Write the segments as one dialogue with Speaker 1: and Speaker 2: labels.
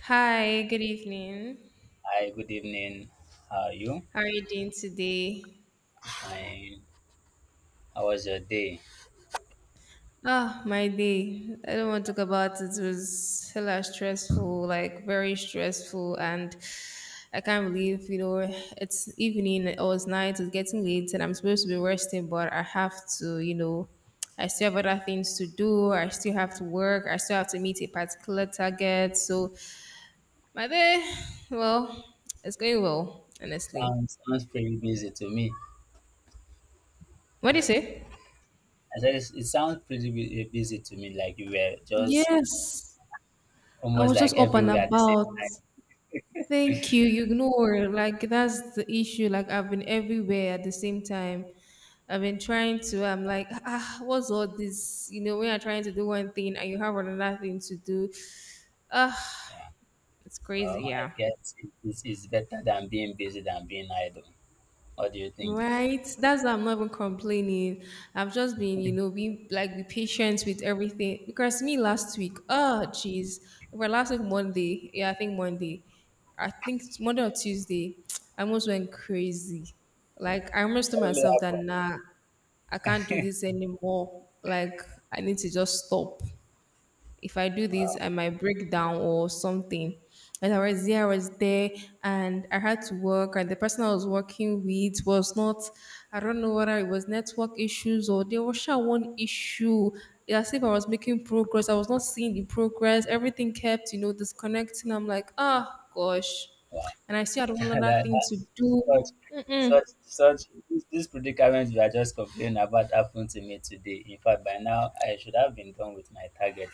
Speaker 1: Hi, good evening.
Speaker 2: Hi, good evening. How are you?
Speaker 1: How are you doing today?
Speaker 2: And how was your day?
Speaker 1: Ah, my day. I don't want to talk about it. It was hella stressful, like very stressful, and I can't believe, you know, it's evening or it's night, it's getting late, and I'm supposed to be resting, but I have to I still have other things to do. I still have to work. I still have to meet a particular target. So my day, well, it's going well, honestly.
Speaker 2: Sounds pretty busy to me.
Speaker 1: What do you say?
Speaker 2: I said it sounds pretty busy to me, like you were just
Speaker 1: Yes. I
Speaker 2: almost
Speaker 1: was just
Speaker 2: like
Speaker 1: open
Speaker 2: everywhere at the same
Speaker 1: about. Thank you. You ignore. Like that's the issue. Like I've been everywhere at the same time. I've been trying to. I'm like, ah, what's all this? You know, when you're trying to do one thing and you have another thing to do. Ah,
Speaker 2: time. Yeah.
Speaker 1: it's crazy.
Speaker 2: Well, I
Speaker 1: Yeah.
Speaker 2: guess it's better than being busy than being idle. What do you think?
Speaker 1: Right. That's why I'm not even complaining. I've just been, you know, being like be patient with everything. Because me last week, oh jeez. Well last week Monday. Yeah, I think Monday. I think it's Monday or Tuesday. I almost went crazy. Like I almost told
Speaker 2: What really
Speaker 1: myself that
Speaker 2: happened?
Speaker 1: nah, I can't do this anymore. Like I need to just stop if I do this,
Speaker 2: Wow,
Speaker 1: I might break down or something. And I was there, and I had to work, and the person I was working with was not, I don't know whether it was network issues or there was sure one issue. It's as if I was making progress, I was not seeing the progress. Everything kept, you know, disconnecting. I'm like, ah, gosh.
Speaker 2: wow.
Speaker 1: And I still had one
Speaker 2: that,
Speaker 1: other thing
Speaker 2: that,
Speaker 1: to do.
Speaker 2: such,
Speaker 1: Mm-mm.
Speaker 2: such. This predicament you are just complaining about happened to me today. In fact, by now I should have been done with my target.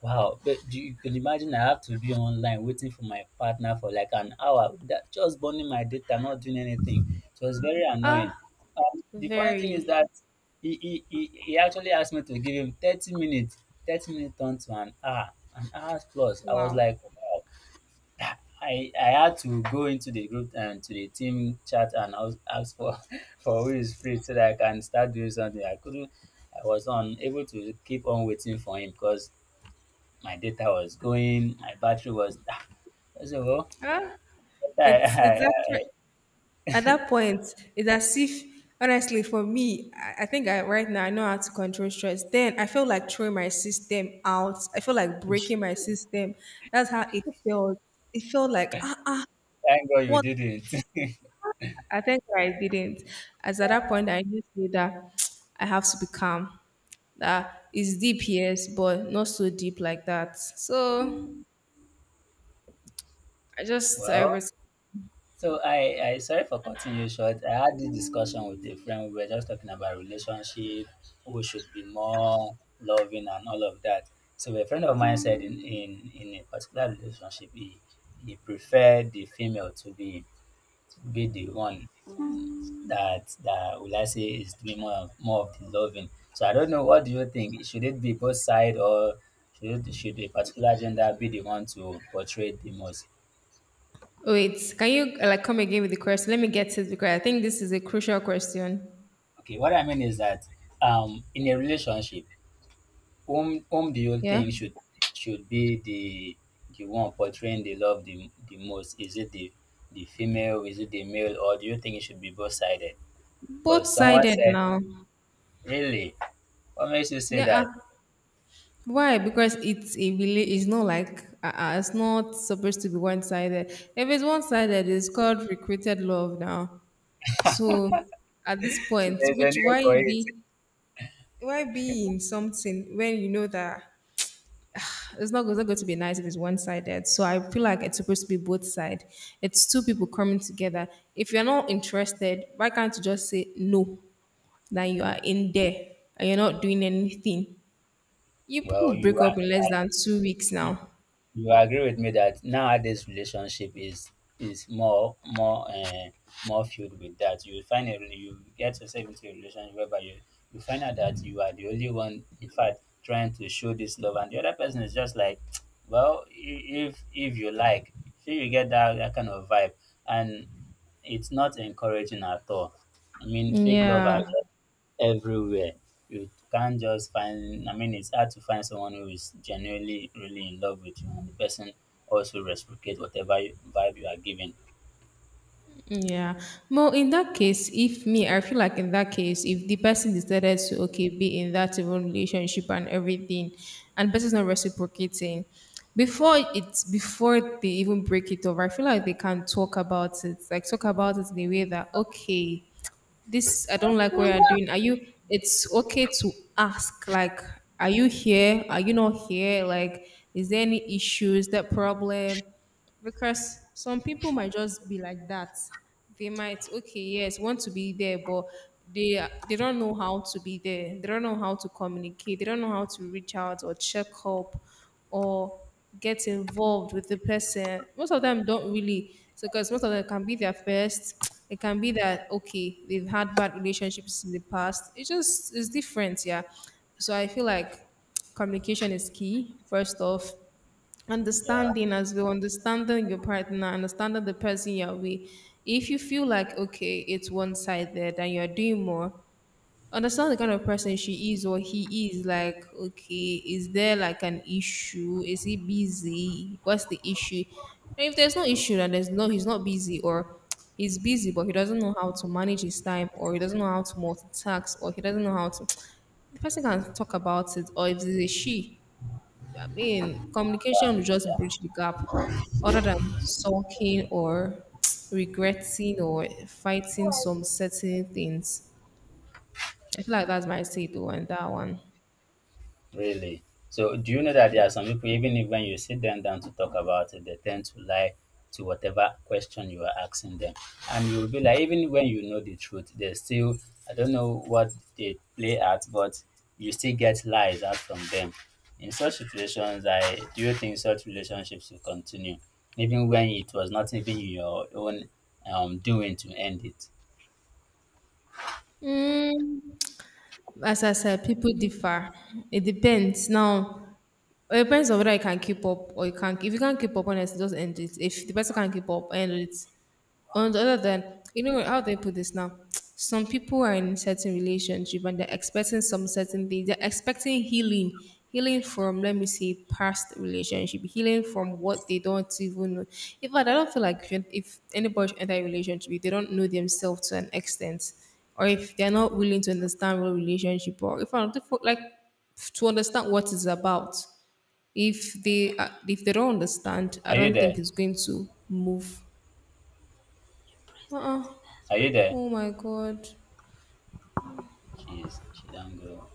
Speaker 2: Wow, but do you can imagine I have to be online waiting for my partner for like an hour, that just burning my data, not doing anything. It was very annoying.
Speaker 1: Ah,
Speaker 2: The funny thing is
Speaker 1: very.
Speaker 2: that he actually asked me to give him 30 minutes. 30 minutes turned to an hour plus. I was
Speaker 1: Wow.
Speaker 2: like, wow. I had to go into the group and to the team chat and I was asked for, for who is free so that I can start doing something. I couldn't, I was unable to keep on waiting for him because my data was going, my battery was. I said, well,
Speaker 1: Ah,
Speaker 2: I,
Speaker 1: it's
Speaker 2: I,
Speaker 1: actually. At
Speaker 2: I,
Speaker 1: that point, it's as if, honestly, for me, I think I, right now I know how to control stress. Then I feel like throwing my system out. I feel like breaking my system. That's how it felt. It felt like,
Speaker 2: thank God you
Speaker 1: what?
Speaker 2: did it.
Speaker 1: I think I didn't. As at that point, I just knew that I have to be calm. That is deep, yes, but not so deep like that. So I just, I
Speaker 2: Well,
Speaker 1: was,
Speaker 2: so I sorry for cutting you short. I had this discussion with a friend. We were just talking about relationship, who should be more loving and all of that. So a friend of mine said in a particular relationship, he preferred the female to be the one that will I say is doing more of the loving. So I don't know. What do you think? Should it be both side or should a particular gender be the one to portray the most?
Speaker 1: wait, can you like come again with the question? Let me get it because I think this is a crucial question.
Speaker 2: Okay, what I mean is that in a relationship, whom do you
Speaker 1: Yeah.
Speaker 2: think should be the one portraying the love the most? Is it the female? Is it the male? Or do you think it should be both sided?
Speaker 1: Both
Speaker 2: Because someone
Speaker 1: sided
Speaker 2: said,
Speaker 1: now.
Speaker 2: really, what makes you say
Speaker 1: Yeah.
Speaker 2: that?
Speaker 1: Ah. Why? Because it's a really it's not like it's not supposed to be one sided. If it's one sided, it's called recruited love now. So at this
Speaker 2: So
Speaker 1: point,
Speaker 2: there's a
Speaker 1: which
Speaker 2: name for it.
Speaker 1: why be in something when you know that it's not going to be nice if it's one sided. So I feel like it's supposed to be both side. It's two people coming together. If you're not interested, why can't you just say no? That you are in there and you're not doing anything. You people
Speaker 2: Well, you
Speaker 1: break up in less than 2 weeks
Speaker 2: are.
Speaker 1: now.
Speaker 2: You agree with me that nowadays relationship is more filled with that you find a, you get yourself into a relationship whereby you you find out that you are the only one in fact trying to show this love and the other person is just like well if you like so you get that kind of vibe and it's not encouraging at all. I mean fake love are
Speaker 1: Yeah.
Speaker 2: everywhere. You can't just find, I mean, it's hard to find someone who is genuinely really in love with you and the person also reciprocate whatever you, vibe you are giving.
Speaker 1: Yeah. Well, in that case, if me, I feel like in that case, if the person decided to okay be in that even relationship and everything, and the person's not reciprocating, before they even break it over, I feel like they can talk about it, like talk about it in a way that okay, this I don't like what you're doing. Are you it's okay to ask like are you here? Are you not here? Like is there any issues, that problem? Because some people might just be like that, they might okay yes want to be there but they they don't know how to be there, they don't know how to communicate, they don't know how to reach out or check up or get involved with the person, most of them don't really. So because most of them can be their first it can be that okay they've had bad relationships in the past, it just it's different, yeah. So I feel like communication is key first off,
Speaker 2: Yeah,
Speaker 1: understanding as well, understanding your partner, understanding the person you're with. If you feel like okay it's one-sided and you're doing more, understand the kind of person she is or he is, like okay is there like an issue, is he busy, what's the issue? And if there's no issue then there's no, he's not busy, or he's busy but he doesn't know how to manage his time, or he doesn't know how to multitask, or he doesn't know how to, the person can talk about it, or if it's a she, I mean, communication will just bridge the gap other than sulking or regretting or fighting
Speaker 2: yeah.
Speaker 1: some certain things. I feel like that's my say though on that one.
Speaker 2: Really? So do you know that there are some people, even if when you sit them down to talk about it, they tend to lie to whatever question you are asking them. And you'll be like, even when you know the truth, they still, I don't know what they play at, but you still get lies out from them. In such situations, I do you think such relationships will continue, even when it was not even your own doing to end it?
Speaker 1: Mm, as I said, people differ. It depends. Now, it depends on whether you can keep up or you can't. If you can't keep up, honestly, just end it. If the person can't keep up, end it. On the other hand, you know how they put this now. Some people are in certain relationship and they're expecting some certain things. They're expecting healing, healing from let me say past relationship, healing from what they don't even know. In fact, I don't feel like if anybody should enter a relationship, if they don't know themselves to an extent, or if they're not willing to understand what relationship, or if I don't like to understand what it's about. If they don't understand, I
Speaker 2: Are you
Speaker 1: don't think
Speaker 2: there?
Speaker 1: it's going to move. Uh-uh.
Speaker 2: Are you there?
Speaker 1: Oh my god.
Speaker 2: Jeez, she don't go.